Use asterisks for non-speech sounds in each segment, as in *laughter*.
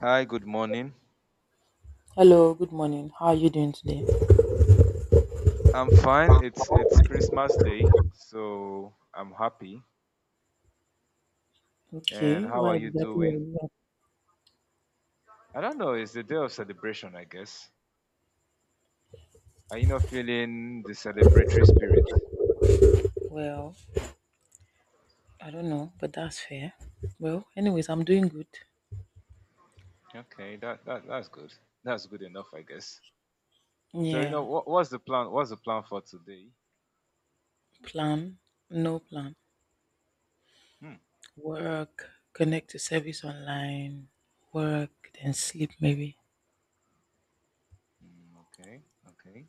Hi, good morning. Hello, good morning. How are you doing today? I'm fine. It's Christmas Day, so I'm happy. And Okay, how are why you exactly are doing? you up? I don't know. It's the day of celebration, I guess. Are you not feeling the celebratory spirit? Well, I don't know, but that's fair. Well, anyways, I'm doing good. Okay, that's good. That's good enough, I guess. So Yeah, what's the plan? What's the plan for today? plan, no plan. Hmm. Work, connect to service online, work, then sleep maybe. Hmm, okay. Okay.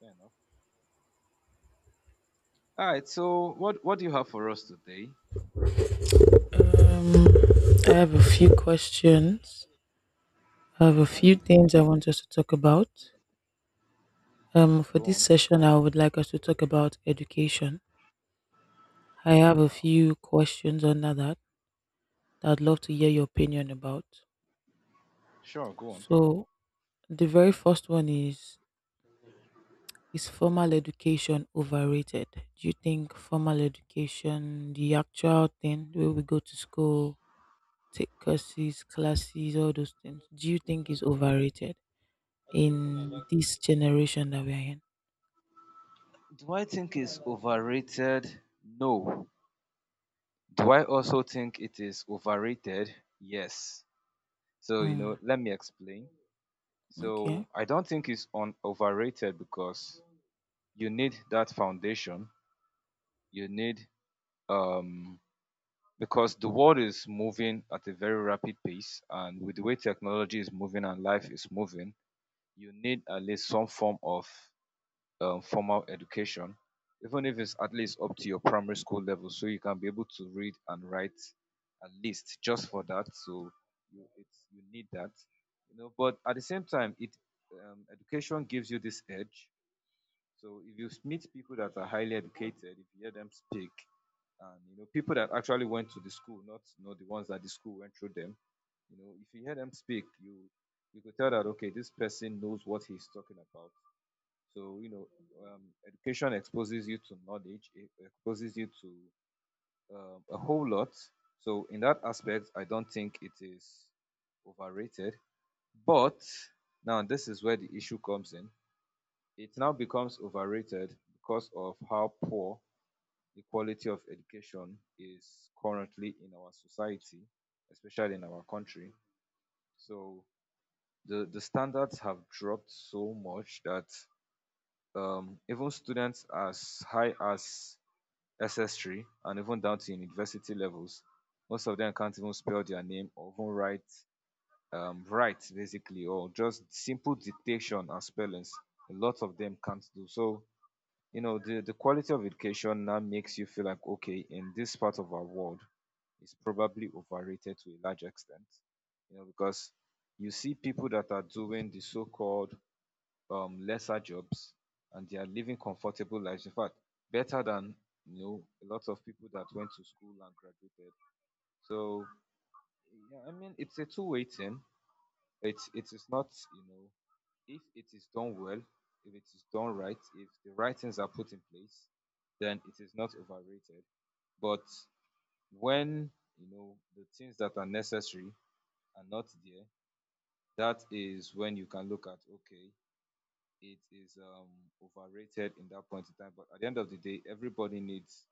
Fair enough. All right. So what do you have for us today? Um, I have a few questions. I have a few Okay. things I want us to talk about. For Go this on. session, I would like us to talk about education. I have a Wow. few questions under that, that I'd love to hear your opinion about. Sure. Go on. So, the very first one is formal education overrated? Do you think formal education, the actual thing, where we go to school, take courses, classes, all those things, do you think is overrated in this generation that we're in? Do I think it's overrated? No. Do I also think it is overrated? Yes. So, Mm, let me explain. okay. So, I don't think it's on overrated because you need that foundation. You need um because the world is moving at a very rapid pace and with the way technology is moving and life is moving, you need at least some form of formal education, even if it's at least up to your primary school level, so you can be able to read and write at least just for that. So you need that. But at the same time, it education gives you this edge. So if you meet people that are highly educated, if you hear them speak, and you know people that actually went to the school, not the ones that the school went through them. If you hear them speak, you could tell that, okay, this person knows what he's talking about so you know, Education exposes you to knowledge. It exposes you to a whole lot. So in that aspect, I don't think it is overrated. But now this is where the issue comes in. It now becomes overrated because of how poor the quality of education is currently in our society, especially in our country. So the standards have dropped so much that even students as high as SS3 and even down to university levels, most of them can't even spell their name or even write basically, or just simple dictation and spellings. A lot of them can't do. So, the quality of education now makes you feel like, okay, in this part of our world, is probably overrated to a large extent, because you see people that are doing the so-called lesser jobs and they are living comfortable lives. In fact, better than a lot of people that went to school and graduated. So yeah, I mean it's a two-way thing. It is not, you know, if it is done well, if it is done right, if the right things are put in place, then it is not overrated. But when you know the things that are necessary are not there, that is when you can look at, okay, it is overrated in that point in time. But at the end of the day, everybody needs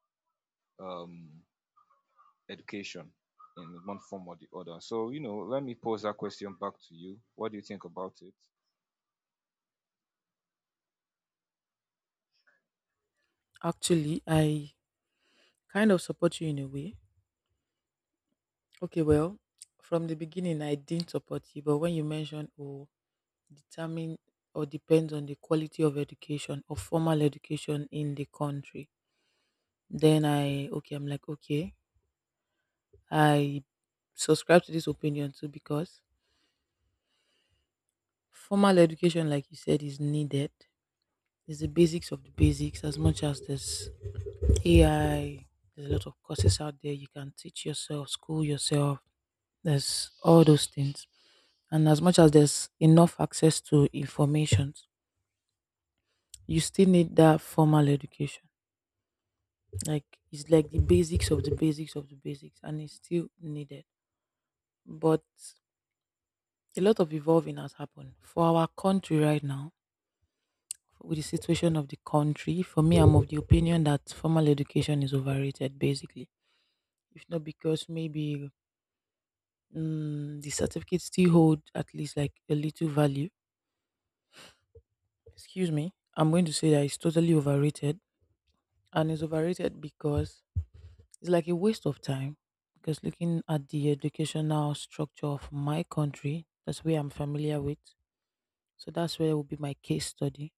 um education in one form or the other. So, let me pose that question back to you. What do you think about it? Actually, I kind of support you in a way. Okay, well, from the beginning, I didn't support you, but when you mentioned, oh, determine or depends on the quality of education or formal education in the country. Then I, okay, I'm like, okay, I subscribe to this opinion too because formal education, like you said, is needed. It's the basics of the basics. As much as there's AI, there's a lot of courses out there. You can teach yourself, school yourself, there's all those things. And as much as there's enough access to information, you still need that formal education. Like, it's like the basics of the basics of the basics, and it's still needed. But a lot of evolving has happened. For our country right now, with the situation of the country, for me I'm of the opinion that formal education is overrated basically. If not because maybe the certificates still hold at least like a little value. Excuse me. I'm going to say that it's totally overrated. And it's overrated because it's like a waste of time because looking at the educational structure of my country, that's where I'm familiar with. So that's where will be my case study.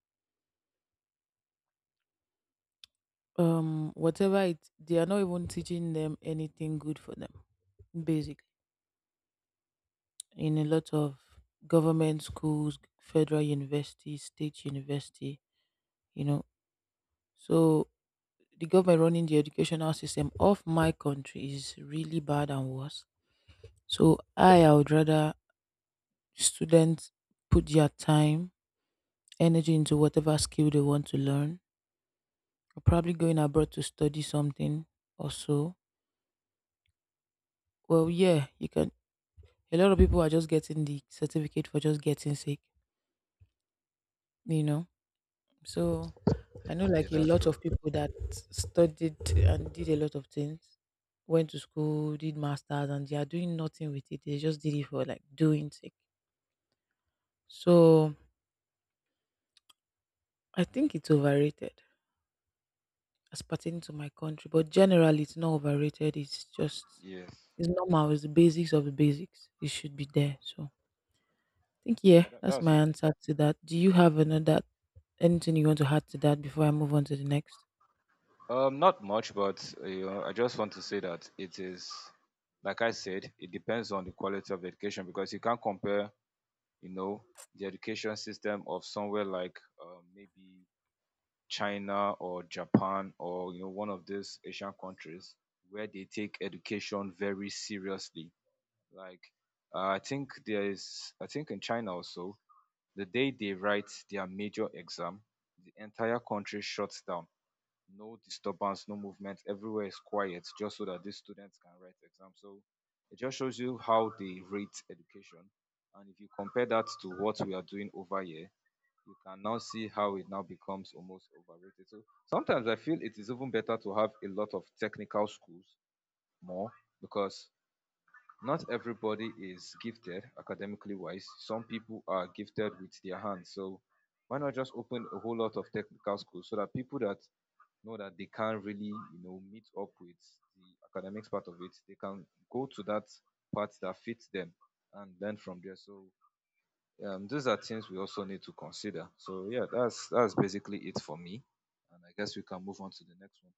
Whatever it, they are not even teaching them anything good for them, basically. In a lot of government schools, federal university, state university, you know. So the government running the educational system of my country is really bad and worse. So I would rather students put their time, energy into whatever skill they want to learn. Or probably going abroad to study something or so. Well, yeah, you can. A lot of people are just getting the certificate for just getting sick, you know. So I know Yeah, like a that's lot true. of people that studied and did a lot of things, went to school, did masters, and they are doing nothing with it. They just did it for like doing sick. So I think it's overrated as pertaining to my country, but generally it's not overrated. It's just, Yes. it's normal. It's the basics of the basics. It should be there. So I think, yeah, Yeah, that's that's my true. answer to that. Do you have another, anything you want to add to that before I move on to the next? Not much, but I just want to say that it is, like I said, it depends on the quality of education because you can't compare, you know, the education system of somewhere like, maybe China or Japan, or one of these Asian countries where they take education very seriously. Like I think in China also, the day they write their major exam, the entire country shuts down. No disturbance, no movement. Everywhere is quiet, just so that these students can write exams. So it just shows you how they rate education. And if you compare that to what we are doing over here, you can now see how it now becomes almost overrated. So sometimes I feel it is even better to have a lot of technical schools more, because not everybody is gifted academically wise. Some people are gifted with their hands. So why not just open a whole lot of technical schools so that people that know that they can't really, meet up with the academics part of it, they can go to that part that fits them and learn from there. So those are things we also need to consider. So yeah, that's basically it for me, and I guess we can move on to the next one.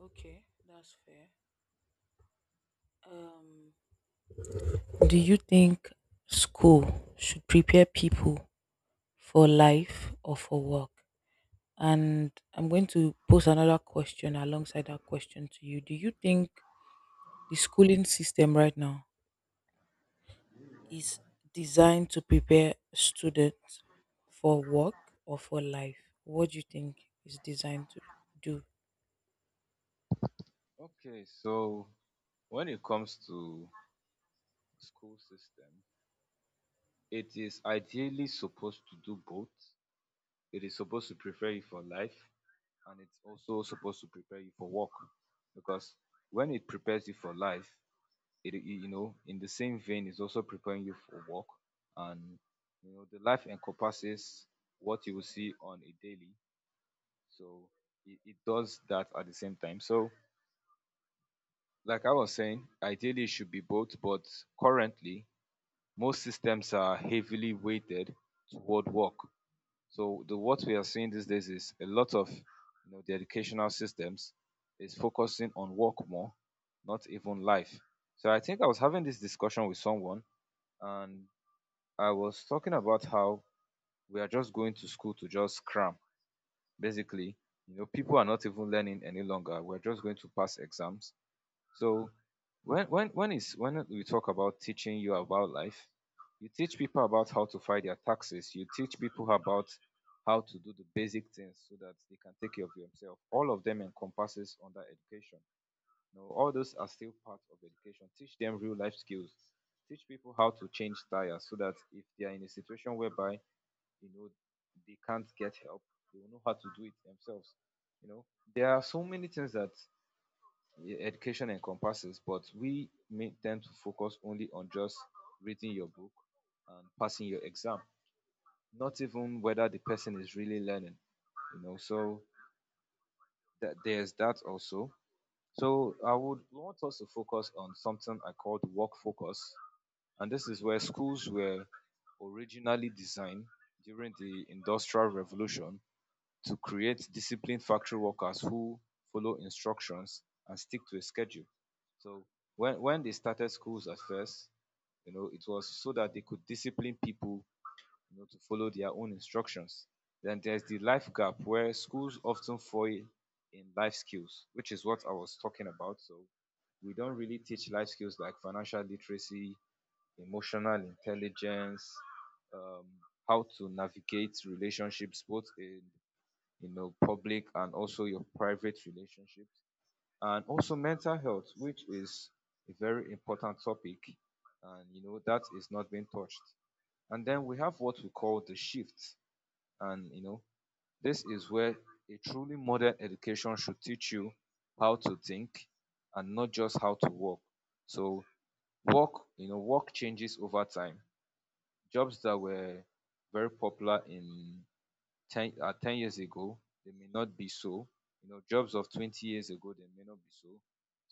Okay, that's fair. Um, Do you think school should prepare people for life or for work? And I'm going to pose another question alongside that question to you. Do you think the schooling system right now is designed to prepare students for work or for life? What do you think is designed to do? Okay, so when it comes to school system, it is ideally supposed to do both. It is supposed to prepare you for life, and it's also supposed to prepare you for work, because when it prepares you for life, in the same vein is also preparing you for work, and the life encompasses what you will see on a daily. So it does that at the same time. So, like I was saying, ideally it should be both, but currently most systems are heavily weighted toward work. So the what we are seeing these days is a lot of the educational systems is focusing on work more, not even life. So I think I was having this discussion with someone, and I was talking about how we are just going to school to just cram, basically. People are not even learning any longer, we're just going to pass exams. So when we talk about teaching you about life, you teach people about how to file their taxes, you teach people about how to do the basic things so that they can take care of themselves. All of them encompasses under education. All those are still part of education. Teach them real life skills, teach people how to change tires, so that if they are in a situation whereby, you know they can't get help, they will know how to do it themselves. You know there are so many things that education encompasses, but we may tend to focus only on just reading your book and passing your exam, not even whether the person is really learning. So that there's that also. So I would want us to focus on something I called work focus, and this is where schools were originally designed during the industrial revolution to create disciplined factory workers who follow instructions and stick to a schedule. So when they started schools at first, it was so that they could discipline people, to follow their own instructions. Then there's the life gap, where schools often fail in life skills, which is what I was talking about. So we don't really teach life skills like financial literacy, emotional intelligence, um, how to navigate relationships, both in, public and also your private relationships, and also mental health, which is a very important topic, and that is not being touched. And then we have what we call the shift, and, this is where a truly modern education should teach you how to think and not just how to work. So work changes over time. Jobs that were very popular in 10, 10 years ago, they may not be so. Jobs of 20 years ago, they may not be so.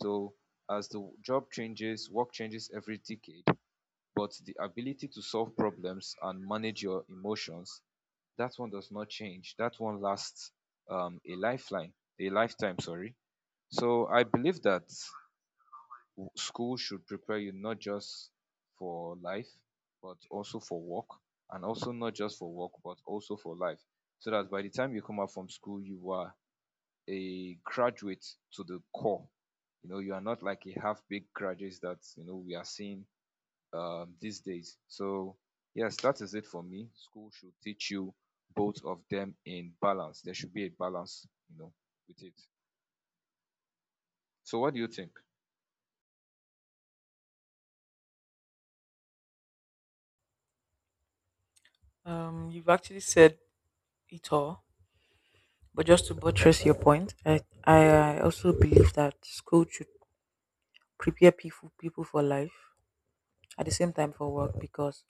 So, as the job changes, work changes every decade, but the ability to solve problems and manage your emotions, that one does not change. That one lasts, a lifeline, a lifetime, sorry. So, I believe that school should prepare you not just for life, but also for work, and also not just for work, but also for life. So that by the time you come out from school, you are a graduate to the core. You are not like a half-baked graduates, that we are seeing, these days. So yes, that is it for me. School should teach you both of them in balance. There should be a balance, with it. So what do you think? You've actually said it all, but just to buttress your point, I I also believe that school should prepare people for life at the same time for work because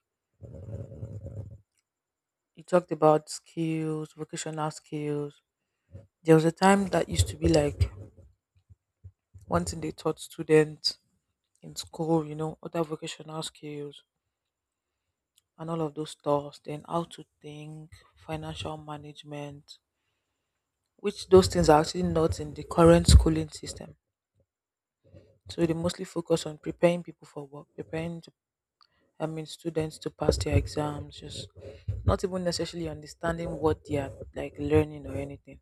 you talked about skills, vocational skills. There was a time that used to be like one thing they taught students in school, you know, other vocational skills, and all of those stuffs. Then how to think, financial management, which those things are actually not in the current schooling system. So they mostly focus on preparing people for work, preparing to, I mean students to pass their exams, just not even necessarily understanding what they are like learning or anything.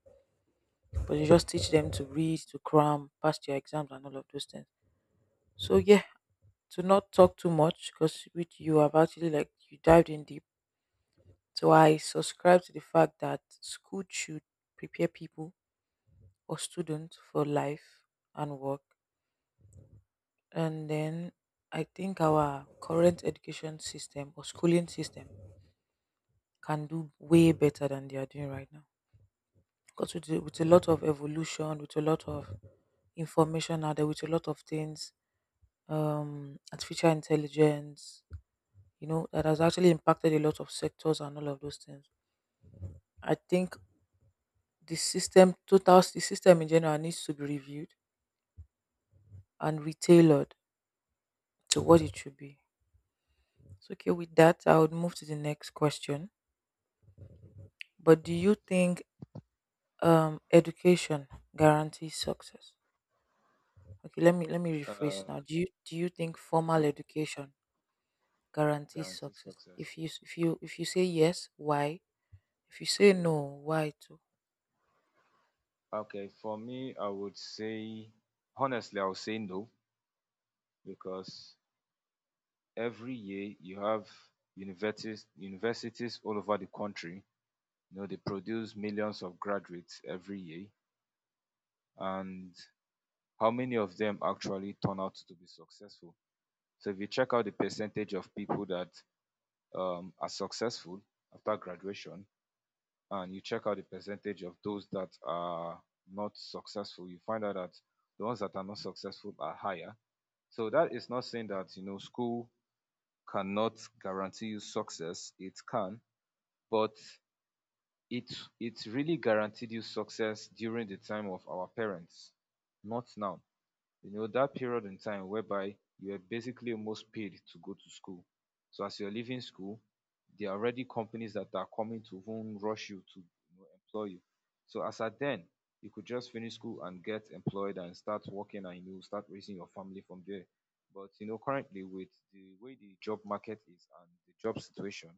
But you just teach them to read, to cram, pass their exams and all of those things. So yeah, to not talk too much because with you have actually like you dived in deep. So I subscribe to the fact that school should prepare people or students for life and work. And then I think our current education system or schooling system can do way better than they are doing right now. Because with, with a lot of evolution, with a lot of information out there, with a lot of things, artificial intelligence, you know, that has actually impacted a lot of sectors and all of those things. I think the system in general needs to be reviewed and retailed to what it should be. So okay, with that, I would move to the next question. But do you think education guarantees success? Okay, let me rephrase Uh, now. Do you think formal okay, education guarantees guaranteed success? If success. you if you, if you say yes, why? If you say no, why too? Okay, for me, I would say, honestly, I would say no, because every year you have universities all over the country. You know, they produce millions of graduates every year, and how many of them actually turn out to be successful? So, if you check out the percentage of people that are successful after graduation, and you check out the percentage of those that are not successful, you find out that the ones that are not successful are higher. So that is not saying that, school cannot guarantee you success. It can, but it it really guaranteed you success during the time of our parents, not now, that period in time whereby you were basically almost paid to go to school. So as you're leaving school, there are already companies that are coming to whom rush you to employ you. So as at then, you could just finish school and get employed and start working and start raising your family from there. But currently with the way the job market is and the job situation,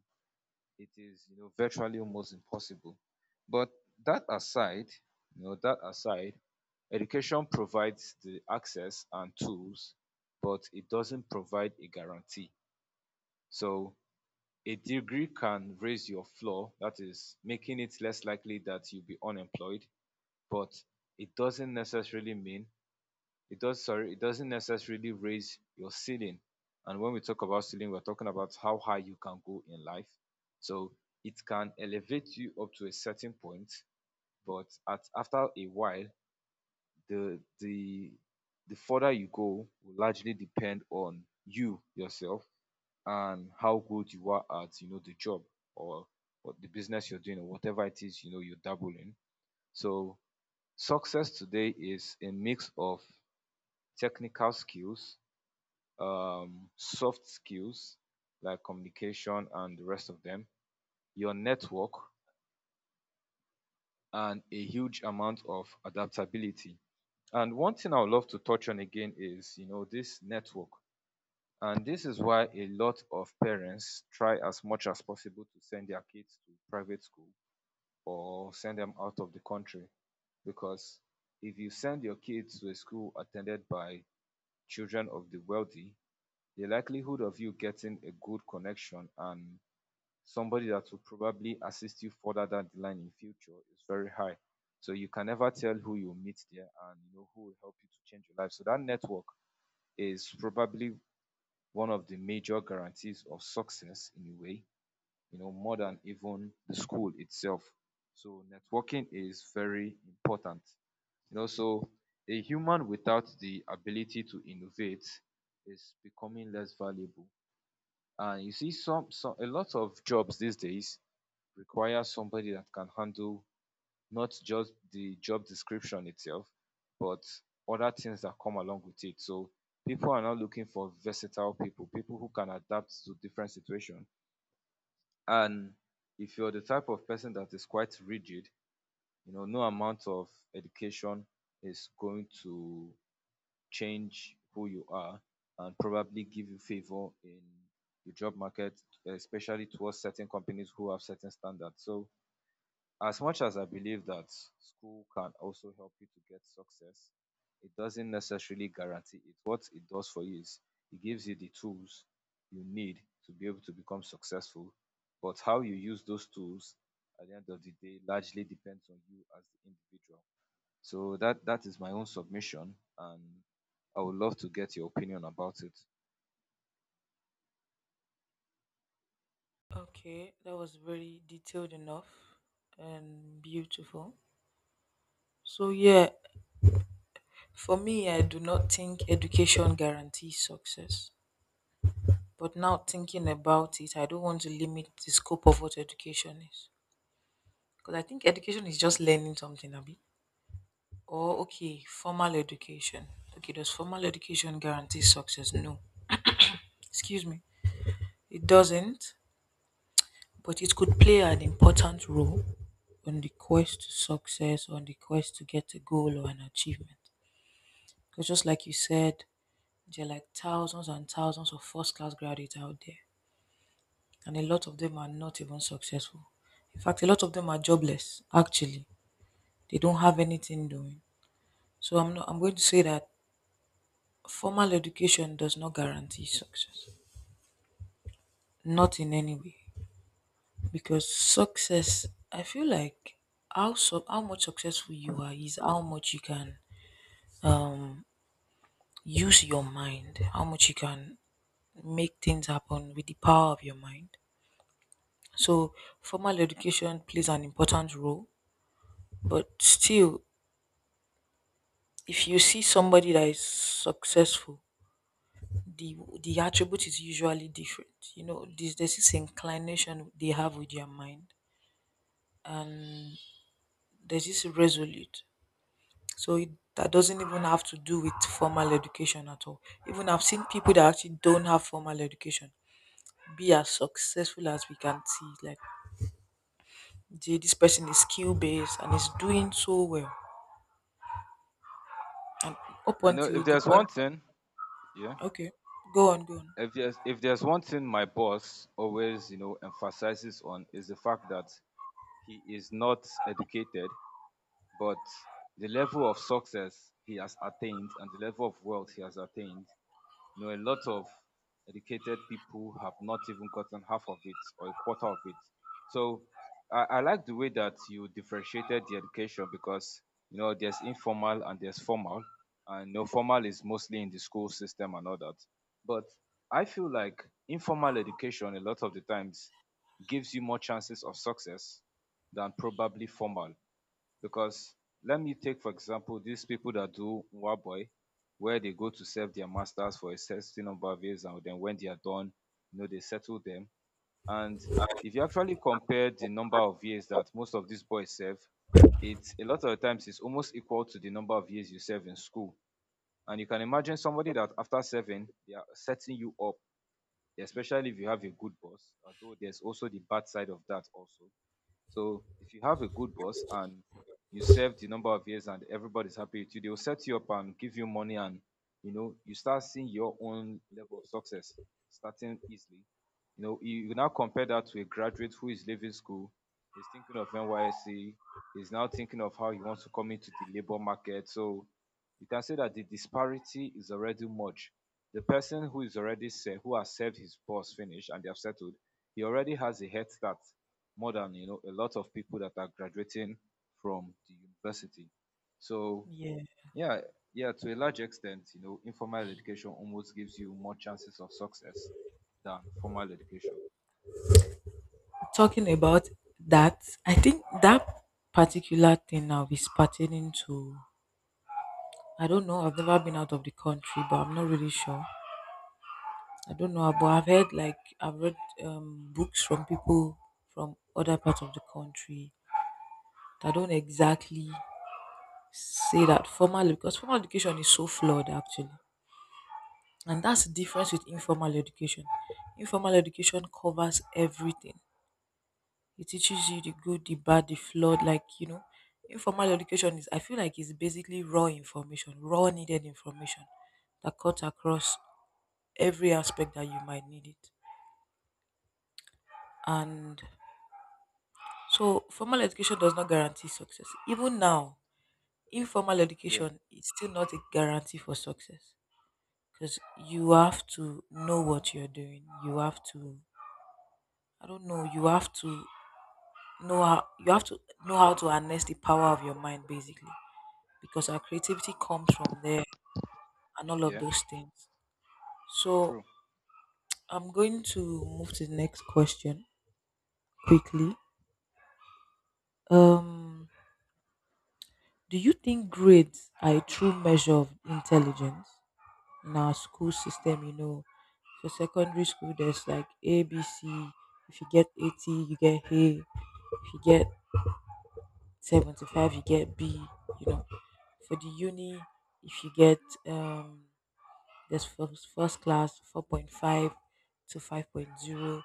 it is virtually almost impossible. But that aside, you know that aside, education provides the access and tools, but it doesn't provide a guarantee. So a degree can raise your floor, that is making it less likely that you'll be unemployed, but it doesn't necessarily mean it does, sorry, it doesn't necessarily raise your ceiling. And when we talk about ceiling, we're talking about how high you can go in life. So it can elevate you up to a certain point, but at after a while, the the further you go will largely depend on you yourself and how good you are at the job, or what the business you're doing or whatever it is you are dabbling. So success today is a mix of technical skills, soft skills like communication and the rest of them, your network, and a huge amount of adaptability. And one thing I would love to touch on again is, this network. And this is why a lot of parents try as much as possible to send their kids to private school or send them out of the country. Because if you send your kids to a school attended by children of the wealthy, the likelihood of you getting a good connection and somebody that will probably assist you further down the line in future is very high. So you can never tell who you meet there and who will help you to change your life. So that network is probably one of the major guarantees of success in a way, more than even the school itself. So networking is very important. You know, so a human without the ability to innovate is becoming less valuable. And you see some a lot of jobs these days requires somebody that can handle not just the job description itself, but other things that come along with it. So people are now looking for versatile people, people who can adapt to different situations. And if you're the type of person that is quite rigid, no amount of education is going to change who you are and probably give you favor in the job market, especially towards certain companies who have certain standards. So as much as I believe that school can also help you to get success, it doesn't necessarily guarantee it. What it does for you is it gives you the tools you need to be able to become successful. But how you use those tools at the end of the day largely depends on you as the individual. So that is my own submission, and I would love to get your opinion about it. Okay, that was very detailed enough and beautiful. So yeah, for me, I do not think education guarantees success. But now thinking about it, I don't want to limit the scope of what education is. Because I think education is just learning something, Abby. Or, okay, formal education. Okay, does formal education guarantee success? No. Excuse me. It doesn't, but it could play an important role on the quest to success, on the quest to get a goal or an achievement. Because just like you said, there are like thousands and thousands of first class graduates out there, and a lot of them are not even successful. In fact, a lot of them are jobless. Actually, they don't have anything doing. So I'm not, I'm going to say that formal education does not guarantee success, not in any way, because success. I feel like how so, how much successful you are is how much you can use your mind, how much you can make things happen with the power of your mind. So formal education plays an important role, but still, if you see somebody that is successful, the attribute is usually different. You know, this there's this inclination they have with their mind. There's this resolute. So it, that doesn't even have to do with formal education at all. Even I've seen people that actually don't have formal education be as successful as we can see. Like, "Jay, this person is skill based and is doing so well." And up You know, if until the there's one point, thing, yeah, okay, go on, go on. if there's one thing my boss always emphasizes on is the fact that he is not educated, but the level of success he has attained and the level of wealth he has attained, a lot of educated people have not even gotten half of it or a quarter of it. So I like the way that you differentiated the education because there's informal and there's formal, and no formal is mostly in the school system and all that. But I feel like informal education a lot of the times gives you more chances of success than probably formal, because let me take for example these people that do Nwaboy, where they go to serve their masters for a certain number of years, and then when they are done, they settle them. And if you actually compare the number of years that most of these boys serve, it's a lot of the times it's almost equal to the number of years you serve in school. And you can imagine somebody that after serving, they are setting you up, especially if you have a good boss, although there's also the bad side of that also. So if you have a good boss and you serve the number of years and everybody's happy with you, they will set you up and give you money and you start seeing your own level of success starting easily. You know, you now compare that to a graduate who is leaving school, is thinking of NYSC, is now thinking of how he wants to come into the labor market. So you can say that the disparity is already much. The person who is already served, who has served his boss finish and they have settled, he already has a head start more than a lot of people that are graduating from the university. So Yeah. yeah, yeah, to a large extent, informal education almost gives you more chances of success than formal education. Talking about that, I think that particular thing now is pertaining to, I don't know, I've never been out of the country, but I'm not really sure. I don't know, but I've heard, like I've read books from people from other parts of the country that don't exactly say that formal because formal education is so flawed actually. And that's the difference with informal education. Informal education covers everything. It teaches you the good, the bad, the flawed. Like, you know, informal education is, I feel like it's basically raw information, raw needed information that cuts across every aspect that you might need it. And so, formal education does not guarantee success. Even now, informal Yeah, education is still not a guarantee for success because you have to know what you're doing. You have to, I don't know, you have to know how to harness the power of your mind basically because our creativity comes from there and all of yeah, those things. So true, I'm going to move to the next question quickly. Um, do you think grades are a true measure of intelligence in our school system? You know, for secondary school, there's like A, B, C. If you get 80, you get A. If you get 75, you get B. You know, for the uni, if you get um, there's first class 4.5 to five point zero.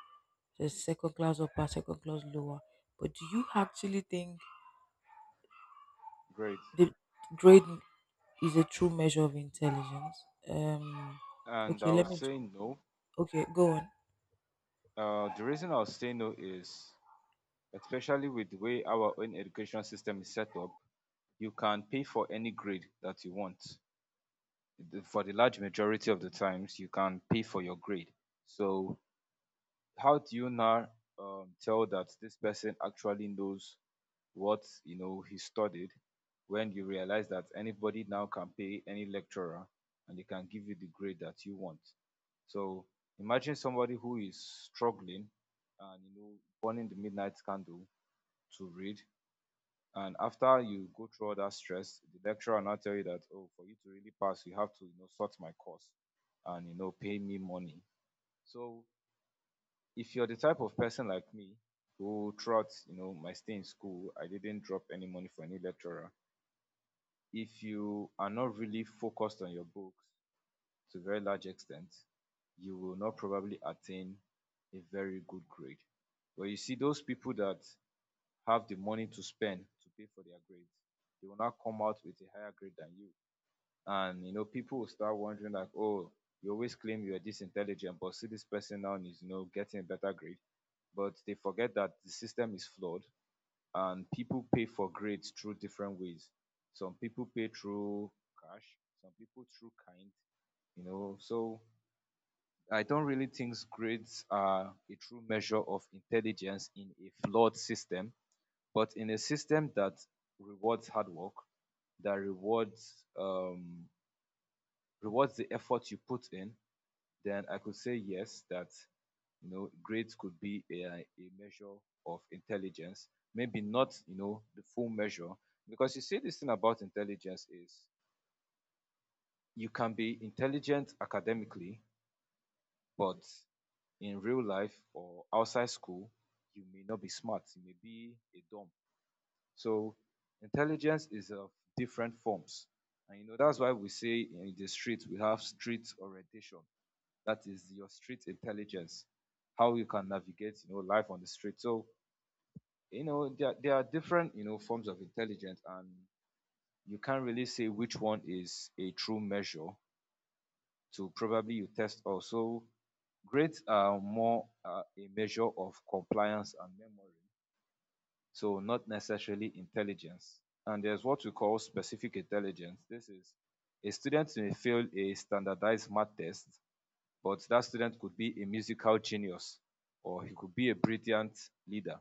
There's second class upper, second class lower. But do you actually think great. the grade is a true measure of intelligence? Um, And okay, I let was me. saying no. Okay, go on. The reason I was saying no is especially with the way our own education system is set up, you can pay for any grade that you want. The- For the large majority of the times, you can pay for your grade. So how do you now tell that this person actually knows what he studied when you realize that anybody now can pay any lecturer and they can give you the grade that you want? So imagine somebody who is struggling and burning the midnight candle to read, and after you go through all that stress the lecturer will now tell you that, oh, for you to really pass you have to sort my course and pay me money. So if you're the type of person like me who throughout my stay in school I didn't drop any money for any lecturer, if you are not really focused on your books, to a very large extent, you will not probably attain a very good grade. But you see those people that have the money to spend to pay for their grades, they will not come out with a higher grade than you, and people will start wondering like, oh, you always claim you're this intelligent but see this person now is getting a better grade. But they forget that the system is flawed and people pay for grades through different ways. Some people pay through cash, some people through kind, so I don't really think grades are a true measure of intelligence in a flawed system. But in a system that rewards hard work, that rewards the effort you put in, then I could say yes, that grades could be a measure of intelligence, maybe not the full measure, because you see this thing about intelligence is you can be intelligent academically, but in real life or outside school, you may not be smart. You may be a dumb. So intelligence is of different forms. And that's why we say in the street we have street orientation. That is your street intelligence, how you can navigate, life on the street. So, there are different, forms of intelligence, and you can't really say which one is a true measure to probably you test also. Grades are more a measure of compliance and memory, so not necessarily intelligence. And there's what we call specific intelligence. This is a student may fail a standardized math test, but that student could be a musical genius or he could be a brilliant leader.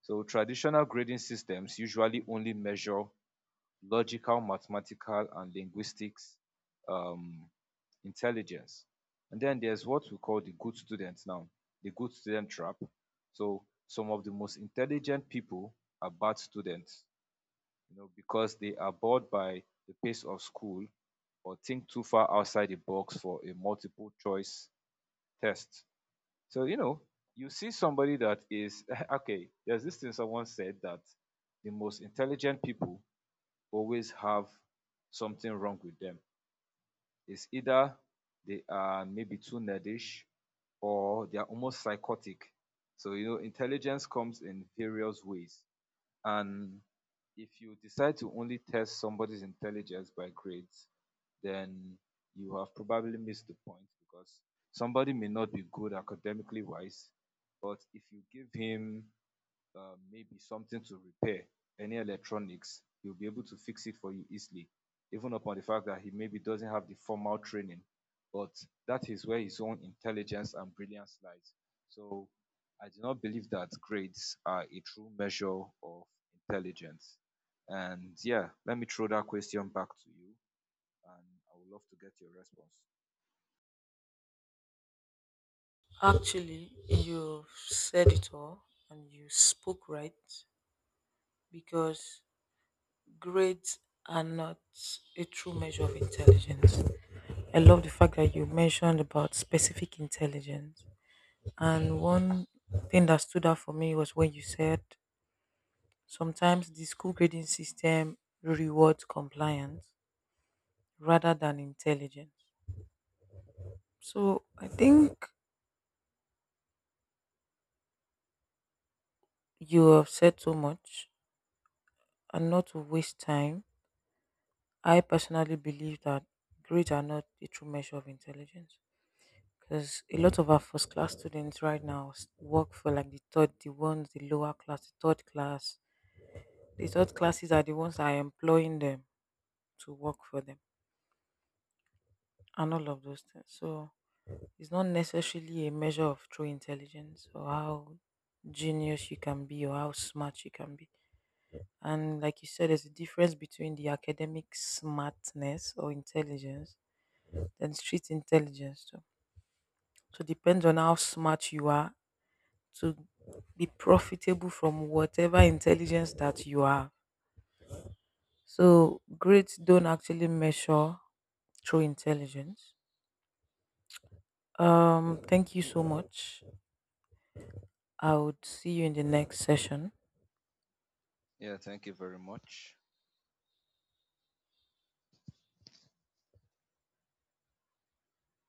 So traditional grading systems usually only measure logical, mathematical, and linguistics um, intelligence. And then there's what we call the good students now, the good student trap. So some of the most intelligent people are bad students, because they are bored by the pace of school or think too far outside the box for a multiple choice test. So, you see somebody that is, *laughs* okay, there's this thing someone said that the most intelligent people always have something wrong with them. It's either they are maybe too nerdish or they are almost psychotic. So, intelligence comes in various ways. And if you decide to only test somebody's intelligence by grades, then you have probably missed the point because somebody may not be good academically wise, but if you give him maybe something to repair, any electronics, he'll be able to fix it for you easily, even upon the fact that he maybe doesn't have the formal training. But that is where his own intelligence and brilliance lies. So I do not believe that grades are a true measure of intelligence. And yeah, let me throw that question back to you, and I would love to get your response. Actually, you've said it all and you spoke right because grades are not a true measure of intelligence. I love the fact that you mentioned about specific intelligence. And one thing that stood out for me was when you said sometimes the school grading system rewards compliance rather than intelligence. So I think you have said so much and not to waste time. I personally believe that grades are not a true measure of intelligence, because a lot of our first class students right now work for like the third, the lower class. The third classes are the ones that are employing them to work for them and all of those things. So it's not necessarily a measure of true intelligence or how genius you can be or how smart you can be. And like you said, there's a difference between the academic smartness or intelligence and street intelligence too. So it depends on how smart you are to be profitable from whatever intelligence that you have. So grades don't actually measure true intelligence. Thank you so much. I would see you in the next session. Yeah, thank you very much.